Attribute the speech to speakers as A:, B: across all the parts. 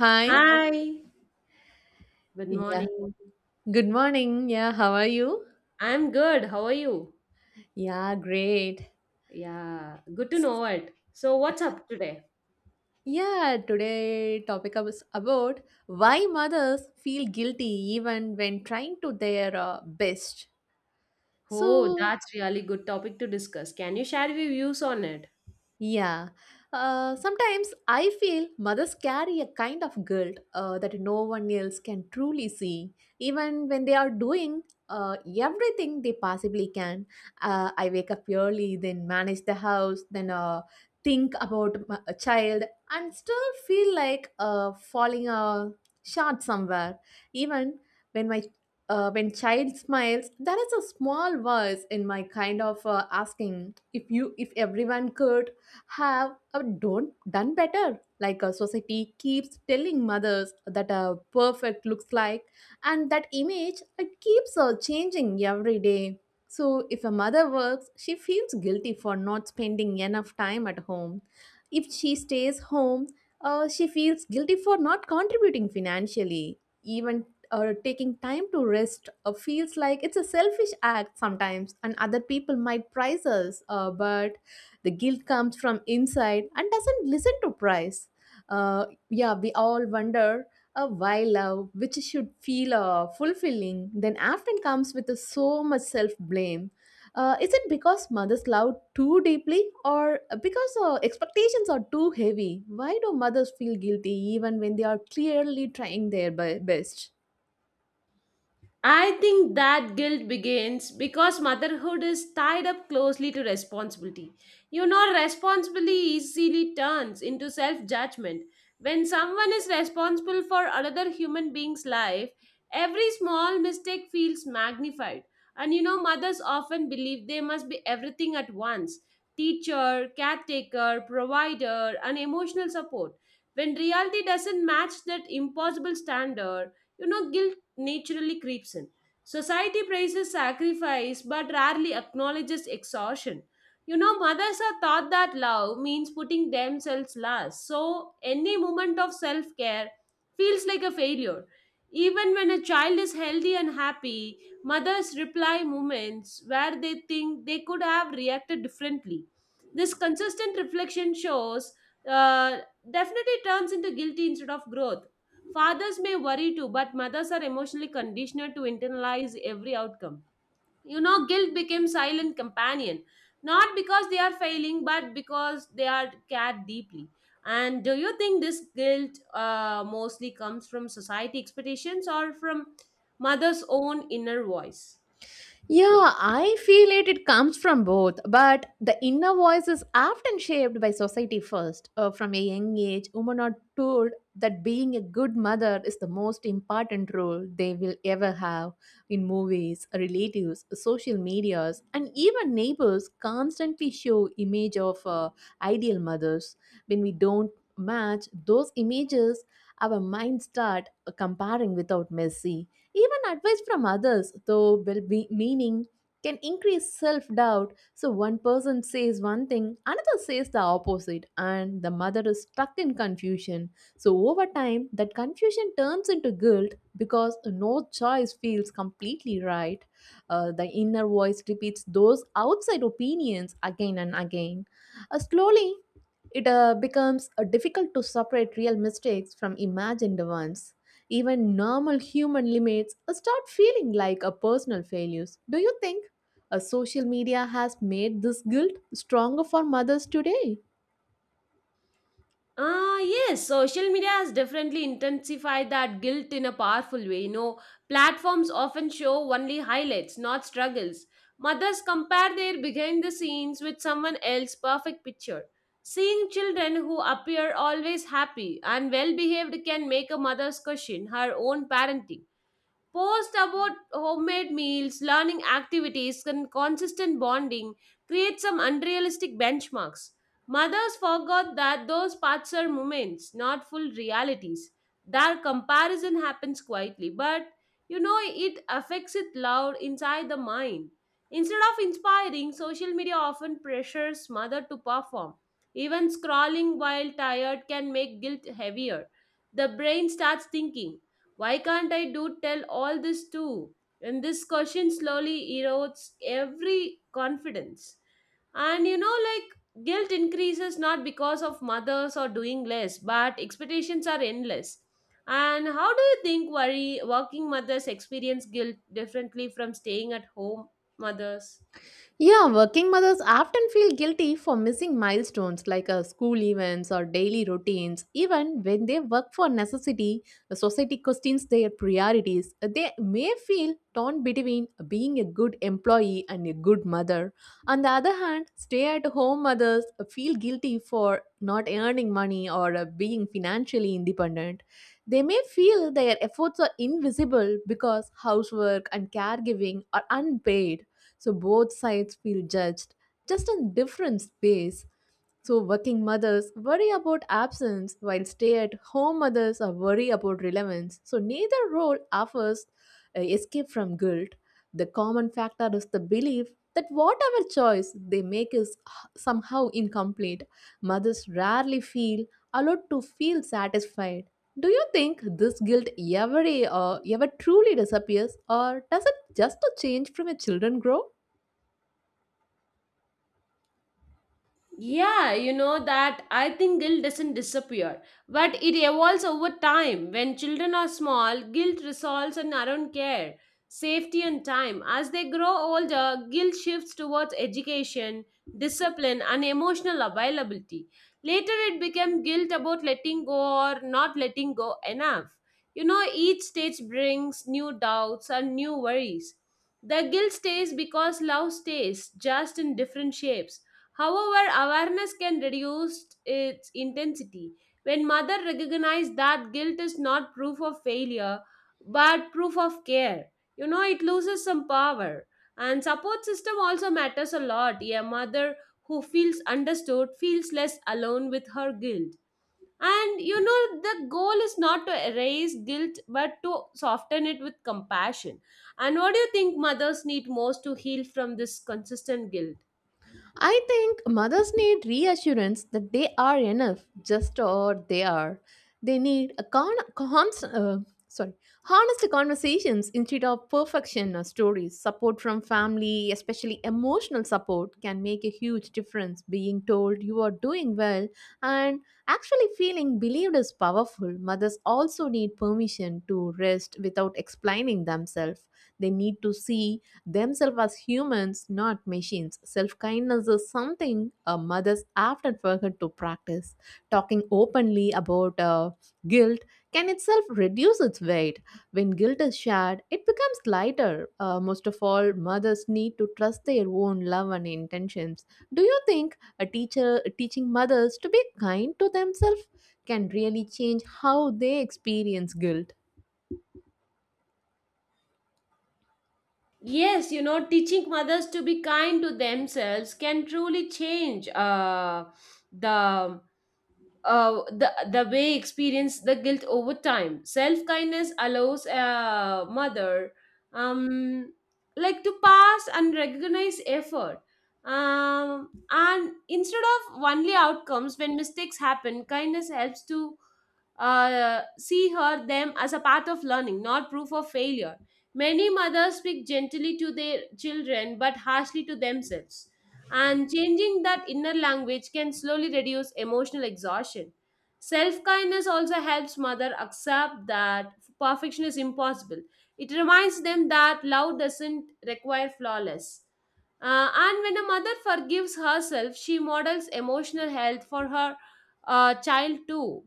A: Hi.
B: Hi, good
A: Yeah.
B: morning.
A: Good morning. Yeah. How are you?
B: I'm good. How are you?
A: Yeah. Great.
B: Yeah, good to know it. So, what's up today?
A: Yeah. Today topic is about why mothers feel guilty even when trying to their best.
B: Oh,
A: So.
B: that's really good topic to discuss. Can you share your views on it?
A: Yeah. Sometimes I feel mothers carry a kind of guilt that no one else can truly see, even when they are doing everything they possibly can. I wake up early, then manage the house, then think about a child, and still feel like falling short somewhere. Even when my when child smiles, there is a small voice in my kind of asking if everyone could have done better. Like a society keeps telling mothers that a perfect looks like, and that image it keeps changing every day. So if a mother works, she feels guilty for not spending enough time at home. If she stays home, she feels guilty for not contributing financially. Even taking time to rest feels like it's a selfish act sometimes, and other people might prize us. But the guilt comes from inside and doesn't listen to price. Yeah, we all wonder why love, which should feel fulfilling, then often comes with so much self-blame. Is it because mothers love too deeply, or because expectations are too heavy? Why do mothers feel guilty even when they are clearly trying their best?
B: I think that guilt begins because motherhood is tied up closely to responsibility. You know, responsibility easily turns into self judgment. When someone is responsible for another human being's life, every small mistake feels magnified. And you know, mothers often believe they must be everything at once: teacher, caretaker, provider, and emotional support. When reality doesn't match that impossible standard, you know guilt naturally creeps in. Society praises sacrifice but rarely acknowledges exhaustion. You know, mothers are taught that love means putting themselves last, so any moment of self care feels like a failure. Even when a child is healthy and happy, mothers reply moments where they think they could have reacted differently. This consistent reflection shows uh, definitely turns into guilty instead of growth. Fathers may worry too, but mothers are emotionally conditioned to internalize every outcome. You know, guilt became silent companion, not because they are failing, but because they are cared deeply. And do you think this guilt mostly comes from society expectations or from mother's own inner voice?
A: Yeah, I feel it comes from both, but the inner voice is often shaped by society first. From a young age, women are told that being a good mother is the most important role they will ever have. In movies, relatives, social medias, and even neighbors constantly show image of ideal mothers. When we don't match those images, our minds start comparing without mercy. Even advice from others, though well be meaning, can increase self doubt. So one person says one thing, another says the opposite, and the mother is stuck in confusion. So over time, that confusion turns into guilt because no choice feels completely right. The inner voice repeats those outside opinions again and again. Slowly, it becomes difficult to separate real mistakes from imagined ones. Even normal human limits start feeling like a personal failures. Do you think a social media has made this guilt stronger for mothers today?
B: Ah, yes, social media has definitely intensified that guilt in a powerful way. You know, platforms often show only highlights, not struggles. Mothers compare their behind the scenes with someone else's perfect picture. Seeing children who appear always happy and well behaved can make a mother's question her own parenting. Posts about homemade meals, learning activities, and consistent bonding create some unrealistic benchmarks. Mothers forgot that those parts are moments, not full realities. Their comparison happens quietly, but you know it affects it loud inside the mind. Instead of inspiring, social media often pressures mother to perform. Even scrolling while tired can make guilt heavier. The brain starts thinking, why can't I do tell all this too? And this question slowly erodes every confidence. And you know, like guilt increases not because of mothers or doing less, but expectations are endless. And how do you think worry working mothers experience guilt differently from staying at home mothers?
A: Yeah, working mothers often feel guilty for missing milestones like school events or daily routines. Even when they work for necessity, the society questions their priorities. They may feel torn between being a good employee and a good mother. On the other hand, stay at home mothers feel guilty for not earning money or being financially independent. They may feel their efforts are invisible because housework and caregiving are unpaid, so both sides feel judged, just in different space. So working mothers worry about absence while stay-at-home mothers are worry about relevance. So neither role offers escape from guilt. The common factor is the belief that whatever choice they make is somehow incomplete. Mothers rarely feel allowed to feel satisfied. Do you think this guilt ever truly disappears, or does it just change from a children grow?
B: Yeah, you know that I think guilt doesn't disappear, but it evolves over time. When children are small, guilt resolves and around care, safety, and time. As they grow older, guilt shifts towards education, discipline, and emotional availability. Later, it becomes guilt about letting go or not letting go enough. You know, each stage brings new doubts and new worries. The guilt stays because love stays, just in different shapes. However, awareness can reduce its intensity. When mother recognizes that guilt is not proof of failure but proof of care, you know, it loses some power. And support system also matters a lot. A mother who feels understood feels less alone with her guilt. And you know, the goal is not to erase guilt but to soften it with compassion. And what do you think mothers need most to heal from this consistent guilt?
A: I think mothers need reassurance that they are enough, just or they are. They need a sorry, honest conversations instead of perfection stories. Support from family, especially emotional support, can make a huge difference. Being told you are doing well and actually feeling believed is powerful. Mothers also need permission to rest without explaining themselves. They need to see themselves as humans, not machines. Self kindness is something mothers often forget to practice. Talking openly about guilt can itself reduce its weight. When guilt is shared, it becomes lighter. Most of all, mothers need to trust their own love and intentions. Do you think a teacher teaching mothers to be kind to themselves can really change how they experience guilt?
B: Yes, you know, teaching mothers to be kind to themselves can truly change the the way experience the guilt over time. Self kindness allows a mother um like to pass and recognize effort. And instead of only outcomes when mistakes happen, kindness helps to see her them as a path of learning, not proof of failure. Many mothers speak gently to their children but harshly to themselves. And changing that inner language can slowly reduce emotional exhaustion. Self kindness also helps mother accept that perfection is impossible. It reminds them that love doesn't require flawless. And when a mother forgives herself, she models emotional health for her child too.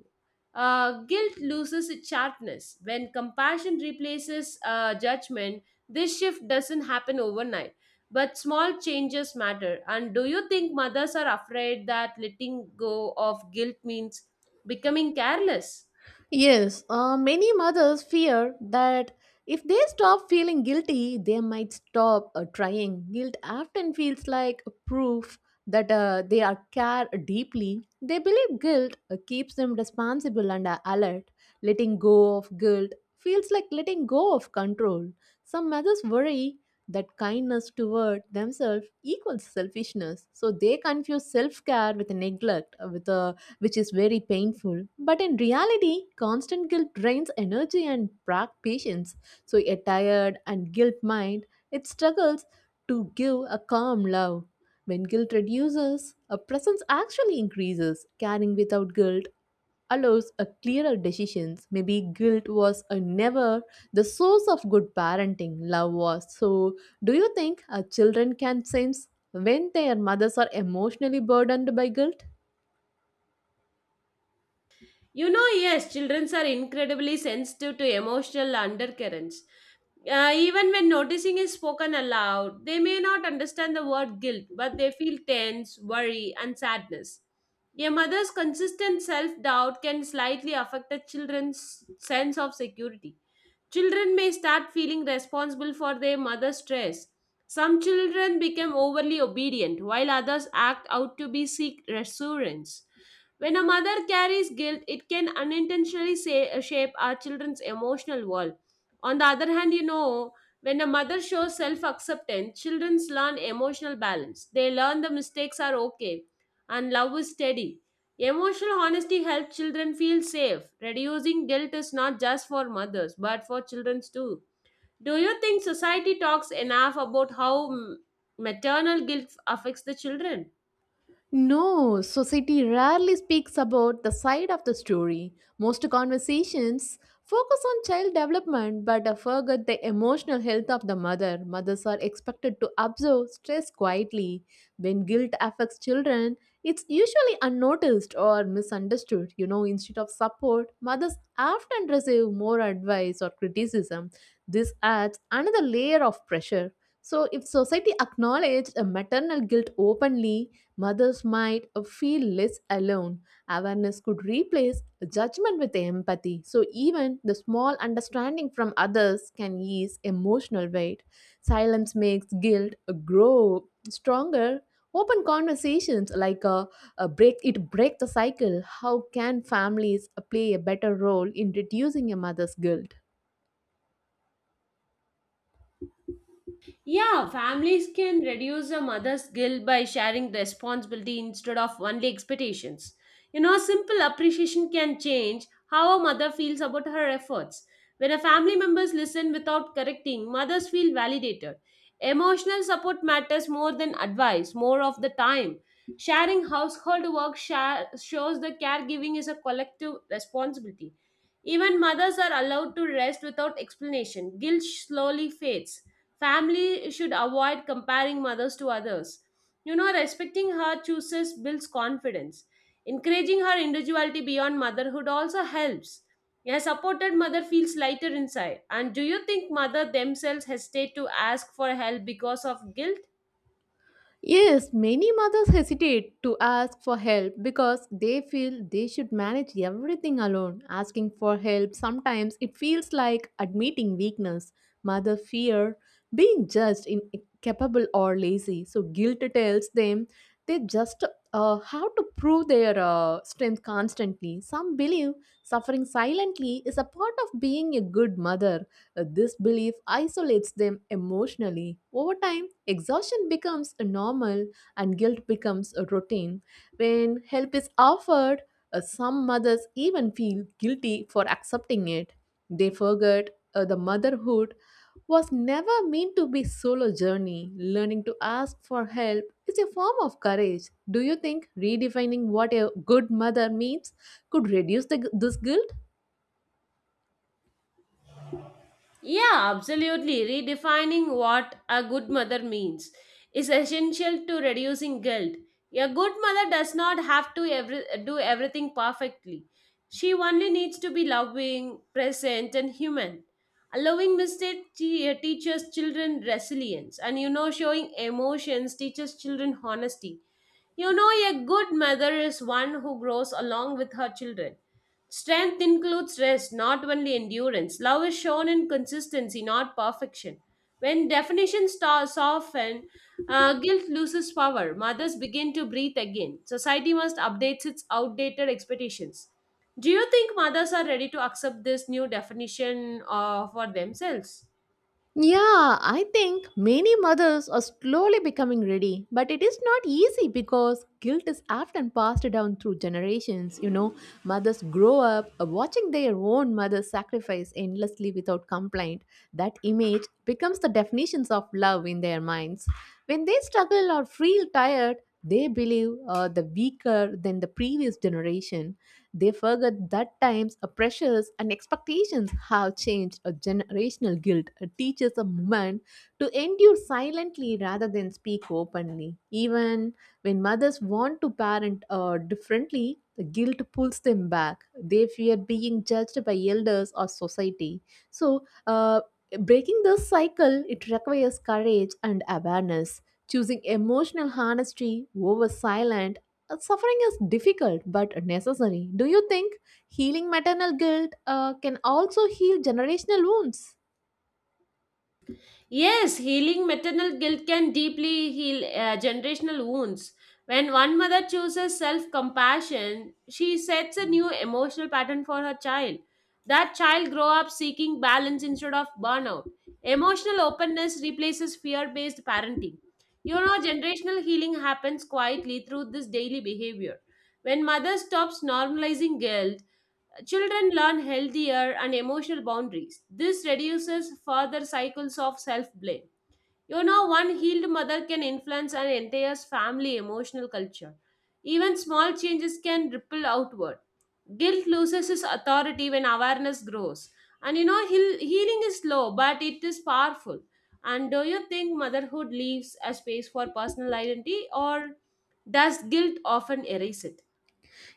B: Guilt loses its sharpness. When compassion replaces judgment, this shift doesn't happen overnight. But small changes matter. And do you think mothers are afraid that letting go of guilt means becoming careless?
A: Yes, many mothers fear that if they stop feeling guilty, they might stop trying. Guilt often feels like a proof that they are cared deeply. They believe guilt keeps them responsible and alert. Letting go of guilt feels like letting go of control. Some mothers worry that kindness toward themselves equals selfishness, so they confuse self care with neglect, with a which is very painful. But in reality, constant guilt drains energy and brag patience. So a tired and guilt mind, it struggles to give a calm love. When guilt reduces, a presence actually increases. Caring without guilt allows a clearer decisions. Maybe guilt was a never the source of good parenting, love was. So, do you think our children can sense when their mothers are emotionally burdened by guilt?
B: You know, yes, children are incredibly sensitive to emotional undercurrents. Even when noticing is spoken aloud, they may not understand the word guilt, but they feel tense, worry, and sadness. A mother's consistent self doubt can slightly affect a children's sense of security. Children may start feeling responsible for their mother's stress. Some children become overly obedient, while others act out to be seek reassurance. When a mother carries guilt, it can unintentionally shape our children's emotional world. On the other hand, you know, when a mother shows self acceptance, children learn emotional balance. They learn the mistakes are okay and love is steady. Emotional honesty helps children feel safe. Reducing guilt is not just for mothers, but for children too. Do you think society talks enough about how maternal guilt affects the children?
A: No, society rarely speaks about the side of the story. Most conversations focus on child development but forget the emotional health of the mother. Mothers are expected to observe stress quietly. When guilt affects children, it's usually unnoticed or misunderstood. Instead of support, mothers often receive more advice or criticism. This adds another layer of pressure. So, if society acknowledged a maternal guilt openly, mothers might feel less alone. Awareness could replace judgment with empathy. So, even the small understanding from others can ease emotional weight. Silence makes guilt grow stronger. Open conversations like a break the cycle. How can families play a better role in reducing a mother's guilt?
B: Yeah, families can reduce a mother's guilt by sharing responsibility instead of only expectations. You know, simple appreciation can change how a mother feels about her efforts. When a family members listen without correcting, mothers feel validated. Emotional support matters more than advice, more of the time. Sharing household work shows the caregiving is a collective responsibility. Even mothers are allowed to rest without explanation. Guilt slowly fades. Family should avoid comparing mothers to others. You know, respecting her choices builds confidence. Encouraging her individuality beyond motherhood also helps. A supported mother feels lighter inside. And do you think mother themselves hesitate to ask for help because of guilt?
A: Yes, many mothers hesitate to ask for help because they feel they should manage everything alone. Asking for help sometimes it feels like admitting weakness. Mother fear being judged incapable or lazy, so guilt tells them they just have to prove their strength constantly. Some believe suffering silently is a part of being a good mother. This belief isolates them emotionally. Over time, exhaustion becomes a normal and guilt becomes a routine. When help is offered, some mothers even feel guilty for accepting it. They forget the motherhood was never meant to be solo journey. Learning to ask for help is a form of courage. Do you think redefining what a good mother means could reduce this guilt?
B: Yeah, absolutely. Redefining what a good mother means is essential to reducing guilt. A good mother does not have to every, do everything perfectly. She only needs to be loving, present, and human. Allowing mistake teaches children resilience, and you know, showing emotions teaches children honesty. You know, a good mother is one who grows along with her children. Strength includes rest, not only endurance. Love is shown in consistency, not perfection. When definitions soften, guilt loses power. Mothers begin to breathe again. Society must update its outdated expectations. Do you think mothers are ready to accept this new definition for themselves?
A: Yeah, I think many mothers are slowly becoming ready, but it is not easy because guilt is often passed down through generations. Mothers grow up watching their own mothers sacrifice endlessly without complaint. That image becomes the definitions of love in their minds. When they struggle or feel tired, they believe the weaker than the previous generation. They forget that times, pressures, and expectations have changed. A generational guilt teaches a woman to endure silently rather than speak openly. Even when mothers want to parent differently, the guilt pulls them back. They fear being judged by elders or society. So, breaking this cycle, it requires courage and awareness. Choosing emotional honesty over silence. Suffering is difficult but necessary. Do you think healing maternal guilt can also heal generational wounds?
B: Yes, healing maternal guilt can deeply heal generational wounds. When one mother chooses self compassion, she sets a new emotional pattern for her child. That child grows up seeking balance instead of burnout. Emotional openness replaces fear based parenting. You know, generational healing happens quietly through this daily behavior. When mother stops normalizing guilt, children learn healthier and emotional boundaries. This reduces further cycles of self blame. You know, one healed mother can influence an entire family emotional culture. Even small changes can ripple outward. Guilt loses its authority when awareness grows. And you know, healing is slow, but it is powerful. And do you think motherhood leaves a space for personal identity, or does guilt often erase it?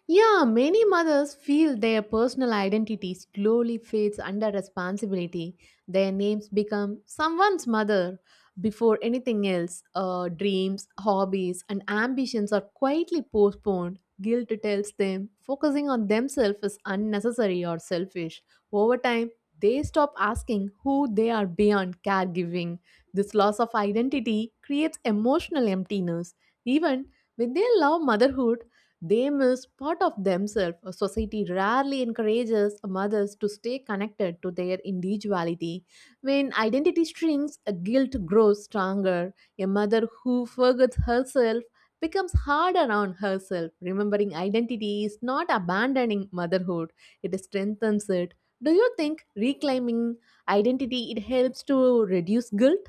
A: Yeah, many mothers feel their personal identity slowly fades under responsibility. Their names become someone's mother before anything else. Dreams, hobbies, and ambitions are quietly postponed. Guilt tells them focusing on themselves is unnecessary or selfish. Over time, they stop asking who they are beyond caregiving. This loss of identity creates emotional emptiness. Even when they love motherhood, they miss part of themselves. Society rarely encourages mothers to stay connected to their individuality. When identity shrinks, guilt grows stronger. A mother who forgets herself becomes harder on herself. Remembering identity is not abandoning motherhood, it strengthens it. Do you think reclaiming identity it helps to reduce guilt?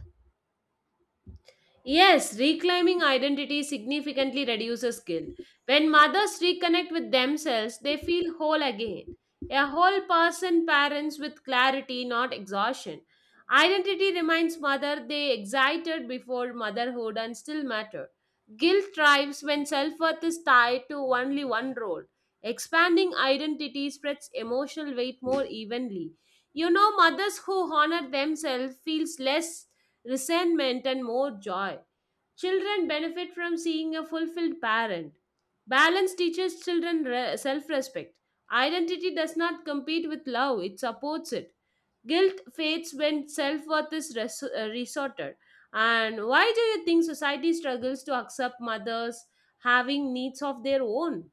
B: Yes, reclaiming identity significantly reduces guilt. When mothers reconnect with themselves, they feel whole again. A whole person parents with clarity, not exhaustion. Identity reminds mother they excited before motherhood and still matter. Guilt thrives when self-worth is tied to only one role. Expanding identity spreads emotional weight more evenly. You know, mothers who honor themselves feels less resentment, and more joy. Children benefit from seeing a fulfilled parent. Balance teaches children self respect. Identity does not compete with love, it supports it. Guilt fades when self worth is resorted. And why do you think society struggles to accept mothers having needs of their own?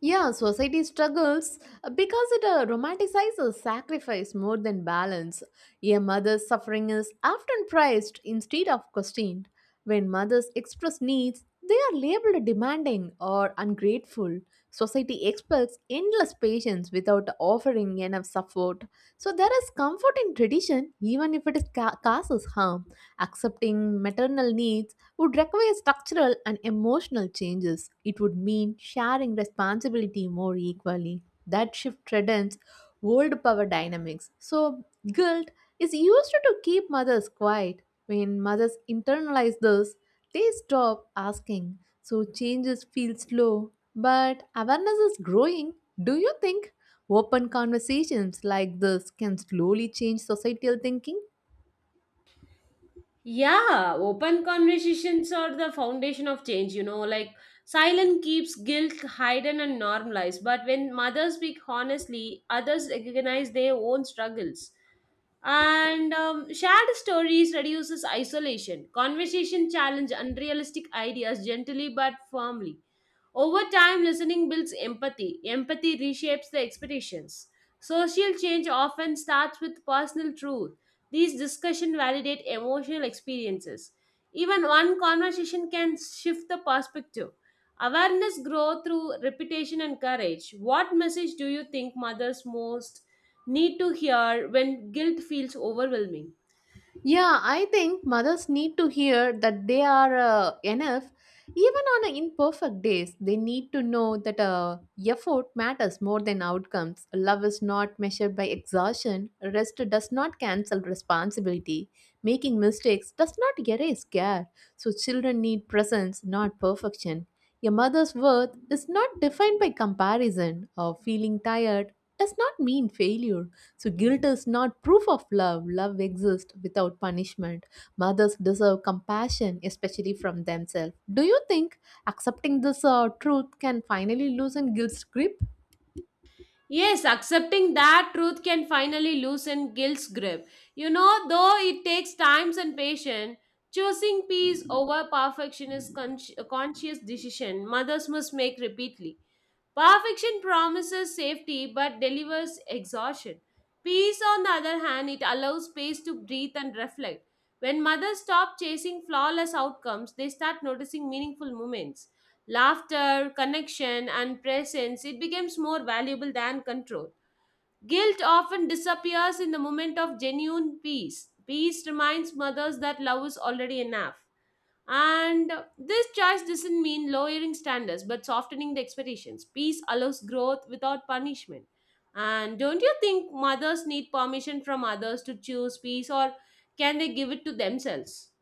A: Yeah, society struggles because it romanticizes sacrifice more than balance. A mother's suffering is often prized instead of questioned. When mothers express needs, they are labeled demanding or ungrateful. Society expects endless patience without offering enough support. So there is comfort in tradition, even if it is causes harm. Accepting maternal needs would require structural and emotional changes. It would mean sharing responsibility more equally. That shift threatens old power dynamics. So, guilt is used to keep mothers quiet. When mothers internalize this, they stop asking. So, changes feel slow, but awareness is growing. Do you think open conversations like this can slowly change societal thinking?
B: Yeah, open conversations are the foundation of change, you know, like silence keeps guilt hidden and normalized. But when mothers speak honestly, others recognize their own struggles and shared stories reduces isolation. Conversation challenge unrealistic ideas gently but firmly. Over time, listening builds empathy. Empathy reshapes the expectations. Social change often starts with personal truth. These discussions validate emotional experiences. Even one conversation can shift the perspective. Awareness grows through repetition and courage. What message do you think mothers most need to hear when guilt feels overwhelming?
A: Yeah, I think mothers need to hear that they are enough. Even on imperfect days, they need to know that effort matters more than outcomes. Love is not measured by exhaustion. Rest does not cancel responsibility. Making mistakes does not erase care. So, children need presence, not perfection. A mother's worth is not defined by comparison, or feeling tired does not mean failure. So, guilt is not proof of love. Love exists without punishment. Mothers deserve compassion, especially from themselves. Do you think accepting this truth can finally loosen guilt's grip?
B: Yes, accepting that truth can finally loosen guilt's grip. You know, though it takes times and patience, choosing peace over perfection is a conscious decision mothers must make repeatedly. Perfection promises safety but delivers exhaustion. Peace, on the other hand, it allows space to breathe and reflect. When mothers stop chasing flawless outcomes, they start noticing meaningful moments. Laughter, connection, and presence, it becomes more valuable than control. Guilt often disappears in the moment of genuine peace. Peace reminds mothers that love is already enough. And this choice doesn't mean lowering standards but softening the expectations. Peace allows growth without punishment. And don't you think mothers need permission from others to choose peace or can they give it to themselves?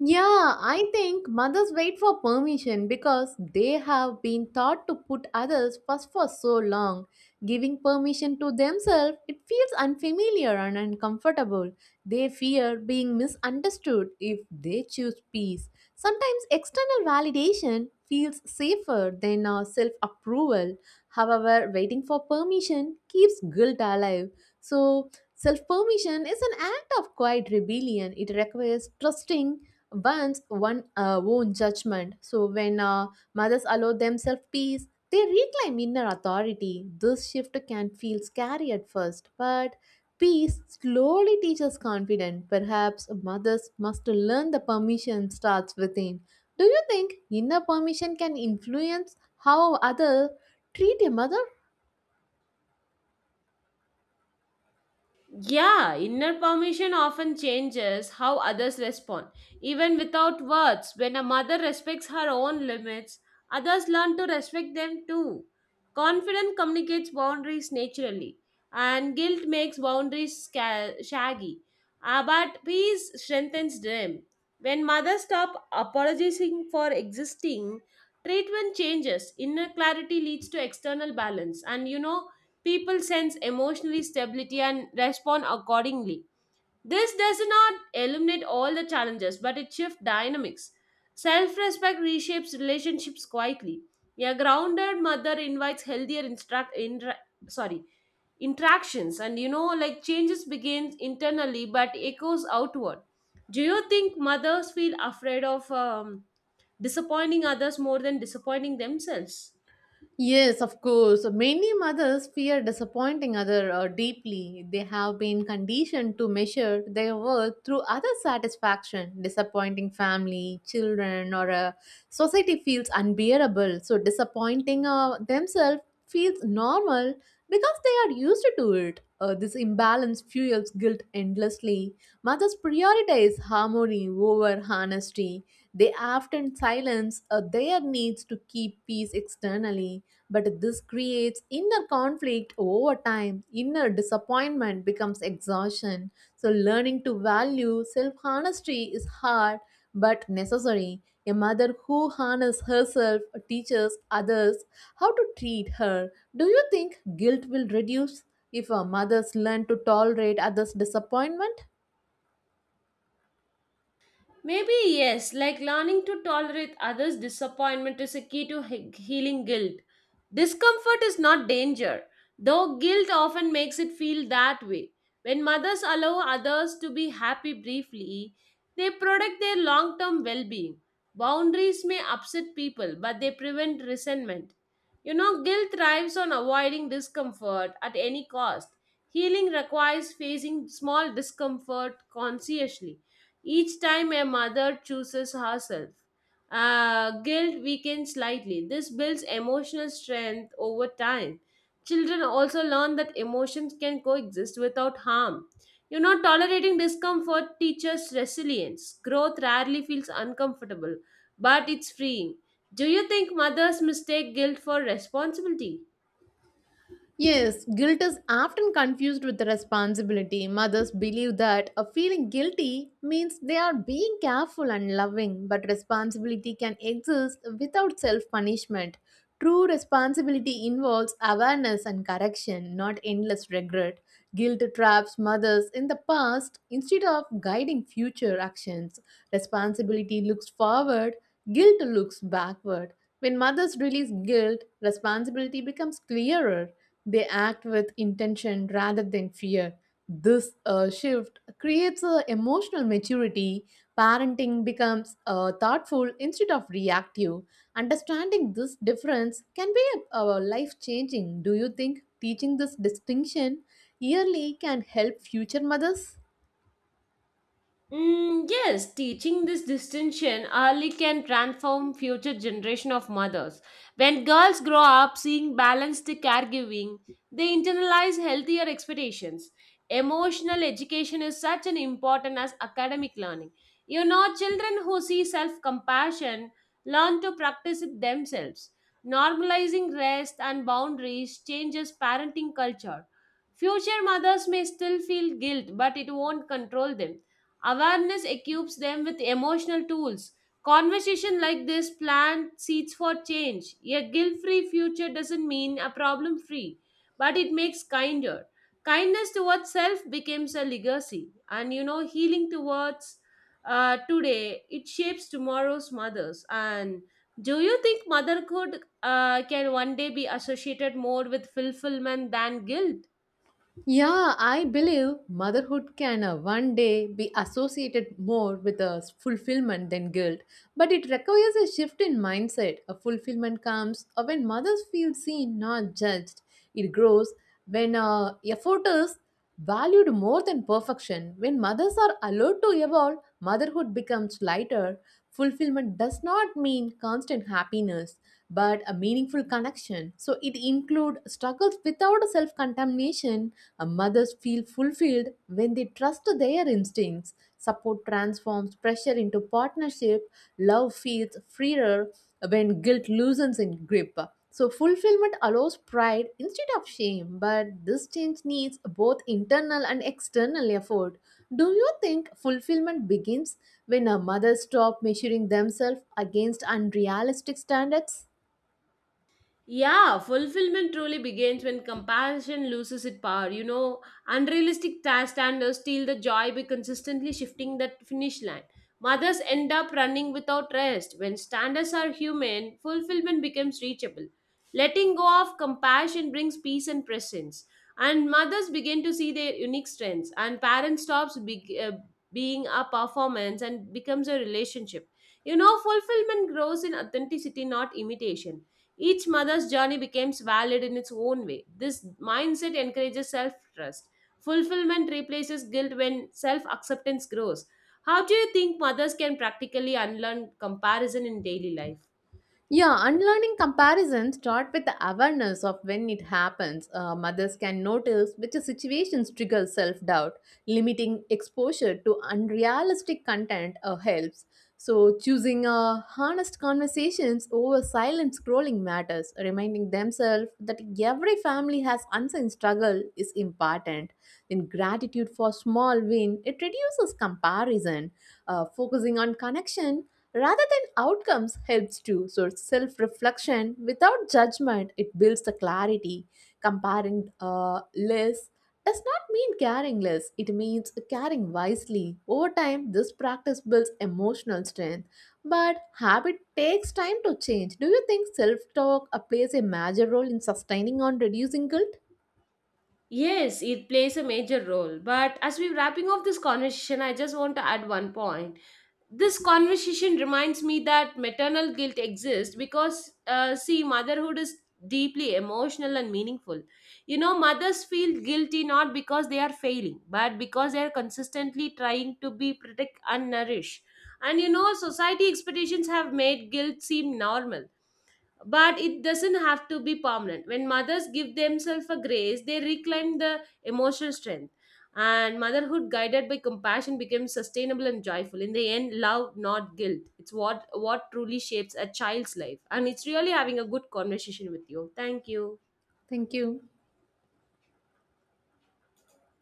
A: Yeah, I think mothers wait for permission because they have been taught to put others first for so long. Giving permission to themselves, it feels unfamiliar and uncomfortable. They fear being misunderstood if they choose peace. Sometimes external validation feels safer than our self approval. However, waiting for permission keeps guilt alive. So, self permission is an act of quiet rebellion. It requires trusting once one own judgment. So when mothers allow themselves peace, they reclaim inner authority. This shift can feel scary at first, but peace slowly teaches confidence. Perhaps mothers must learn the permission starts within. Do you think inner permission can influence how others treat a mother?
B: Yeah, inner permission often changes how others respond. Even without words, when a mother respects her own limits, others learn to respect them too. Confidence communicates boundaries naturally, and guilt makes boundaries shaggy. Ah, but peace strengthens them. When mothers stop apologizing for existing, treatment changes. Inner clarity leads to external balance. And you know, people sense emotional stability and respond accordingly. This does not eliminate all the challenges, but it shifts dynamics. Self respect reshapes relationships quietly. A grounded mother invites healthier sorry, interactions, and like changes begins internally but echoes outward. Do you think mothers feel afraid of disappointing others more than disappointing themselves?
A: Yes, of course. Many mothers fear disappointing other deeply. They have been conditioned to measure their worth through other satisfaction. Disappointing family, children, or society feels unbearable. So disappointing themselves feels normal because they are used to it. This imbalance fuels guilt endlessly. Mothers prioritize harmony over honesty. They often silence their needs to keep peace externally. But this creates inner conflict over time. Inner disappointment becomes exhaustion. So, learning to value self honesty is hard but necessary. A mother who harnesses herself teaches others how to treat her. Do you think guilt will reduce if a mothers learn to tolerate others' disappointment?
B: Maybe yes, like learning to tolerate others' disappointment is a key to healing guilt. Discomfort is not danger, though guilt often makes it feel that way. When mothers allow others to be happy briefly, they protect their long term well being. Boundaries may upset people, but they prevent resentment. You know, guilt thrives on avoiding discomfort at any cost. Healing requires facing small discomfort consciously. Each time a mother chooses herself, guilt weakens slightly. This builds emotional strength over time. Children also learn that emotions can coexist without harm. You know, tolerating discomfort teaches resilience. Growth rarely feels uncomfortable, but it's freeing. Do you think mothers mistake guilt for responsibility?
A: Yes, guilt is often confused with responsibility. Mothers believe that a feeling guilty means they are being careful and loving, but responsibility can exist without self punishment. True responsibility involves awareness and correction, not endless regret. Guilt traps mothers in the past instead of guiding future actions. Responsibility looks forward, guilt looks backward. When mothers release guilt, responsibility becomes clearer. They act with intention rather than fear. This shift creates a emotional maturity. Parenting becomes thoughtful instead of reactive. Understanding this difference can be life changing. Do you think teaching this distinction yearly can help future mothers?
B: Mm, yes, teaching this distinction early can transform future generation of mothers. When girls grow up seeing balanced caregiving, they internalize healthier expectations. Emotional education is such an important as academic learning. You know, children who see self-compassion learn to practice it themselves. Normalizing rest and boundaries changes parenting culture. Future mothers may still feel guilt, but it won't control them. Awareness equips them with emotional tools. Conversation like this plant seeds for change. A guilt free future doesn't mean a problem free, but it makes kinder. Kindness towards self becomes a legacy, and you know, healing towards today it shapes tomorrow's mothers. And do you think motherhood can one day be associated more with fulfillment than guilt?
A: Yeah, I believe motherhood can one day be associated more with fulfillment than guilt, but it requires a shift in mindset. A fulfillment comes when mothers feel seen, not judged. It grows when effort is valued more than perfection. When mothers are allowed to evolve, motherhood becomes lighter. Fulfillment does not mean constant happiness, but a meaningful connection. So it includes struggles without self contamination. Mothers feel fulfilled when they trust their instincts. Support transforms pressure into partnership. Love feels freer when guilt loosens its grip. So, fulfillment allows pride instead of shame, but this change needs both internal and external effort. Do you think fulfillment begins when a mother stop measuring themselves against unrealistic standards?
B: Yeah, fulfillment truly begins when compassion loses its power. You know, unrealistic task standards steal the joy by consistently shifting that finish line. Mothers end up running without rest. When standards are human, fulfillment becomes reachable. Letting go of compassion brings peace and presence. And mothers begin to see their unique strengths. And parents stops being a performance and becomes a relationship. You know, fulfillment grows in authenticity, not imitation. Each mother's journey becomes valid in its own way. This mindset encourages self trust. Fulfillment replaces guilt when self acceptance grows. How do you think mothers can practically unlearn comparison in daily life?
A: Yeah, unlearning comparisons start with the awareness of when it happens. Mothers can notice which situations trigger self doubt. Limiting exposure to unrealistic content helps. So, choosing honest conversations over silent scrolling matters, reminding themselves that every family has unseen struggle is important. Then, gratitude for small win it reduces comparison, focusing on connection rather than outcomes helps too. So self reflection without judgment it builds the clarity. Comparing less does not mean caring less. It means caring wisely. Over time, this practice builds emotional strength. But habit takes time to change. Do you think self talk plays a major role in sustaining on reducing guilt?
B: Yes, it plays a major role. But as we're wrapping up this conversation, I just want to add one point. This conversation reminds me that maternal guilt exists because see motherhood is deeply emotional and meaningful. You know, mothers feel guilty not because they are failing but because they are consistently trying to be protect and nourish. And you know, society expectations have made guilt seem normal, but it doesn't have to be permanent. When mothers give themselves a grace, they reclaim the emotional strength, and motherhood guided by compassion becomes sustainable and joyful. In the end, love, not guilt, it's what truly shapes a child's life. And it's really having a good conversation with you. Thank you.
A: Thank you.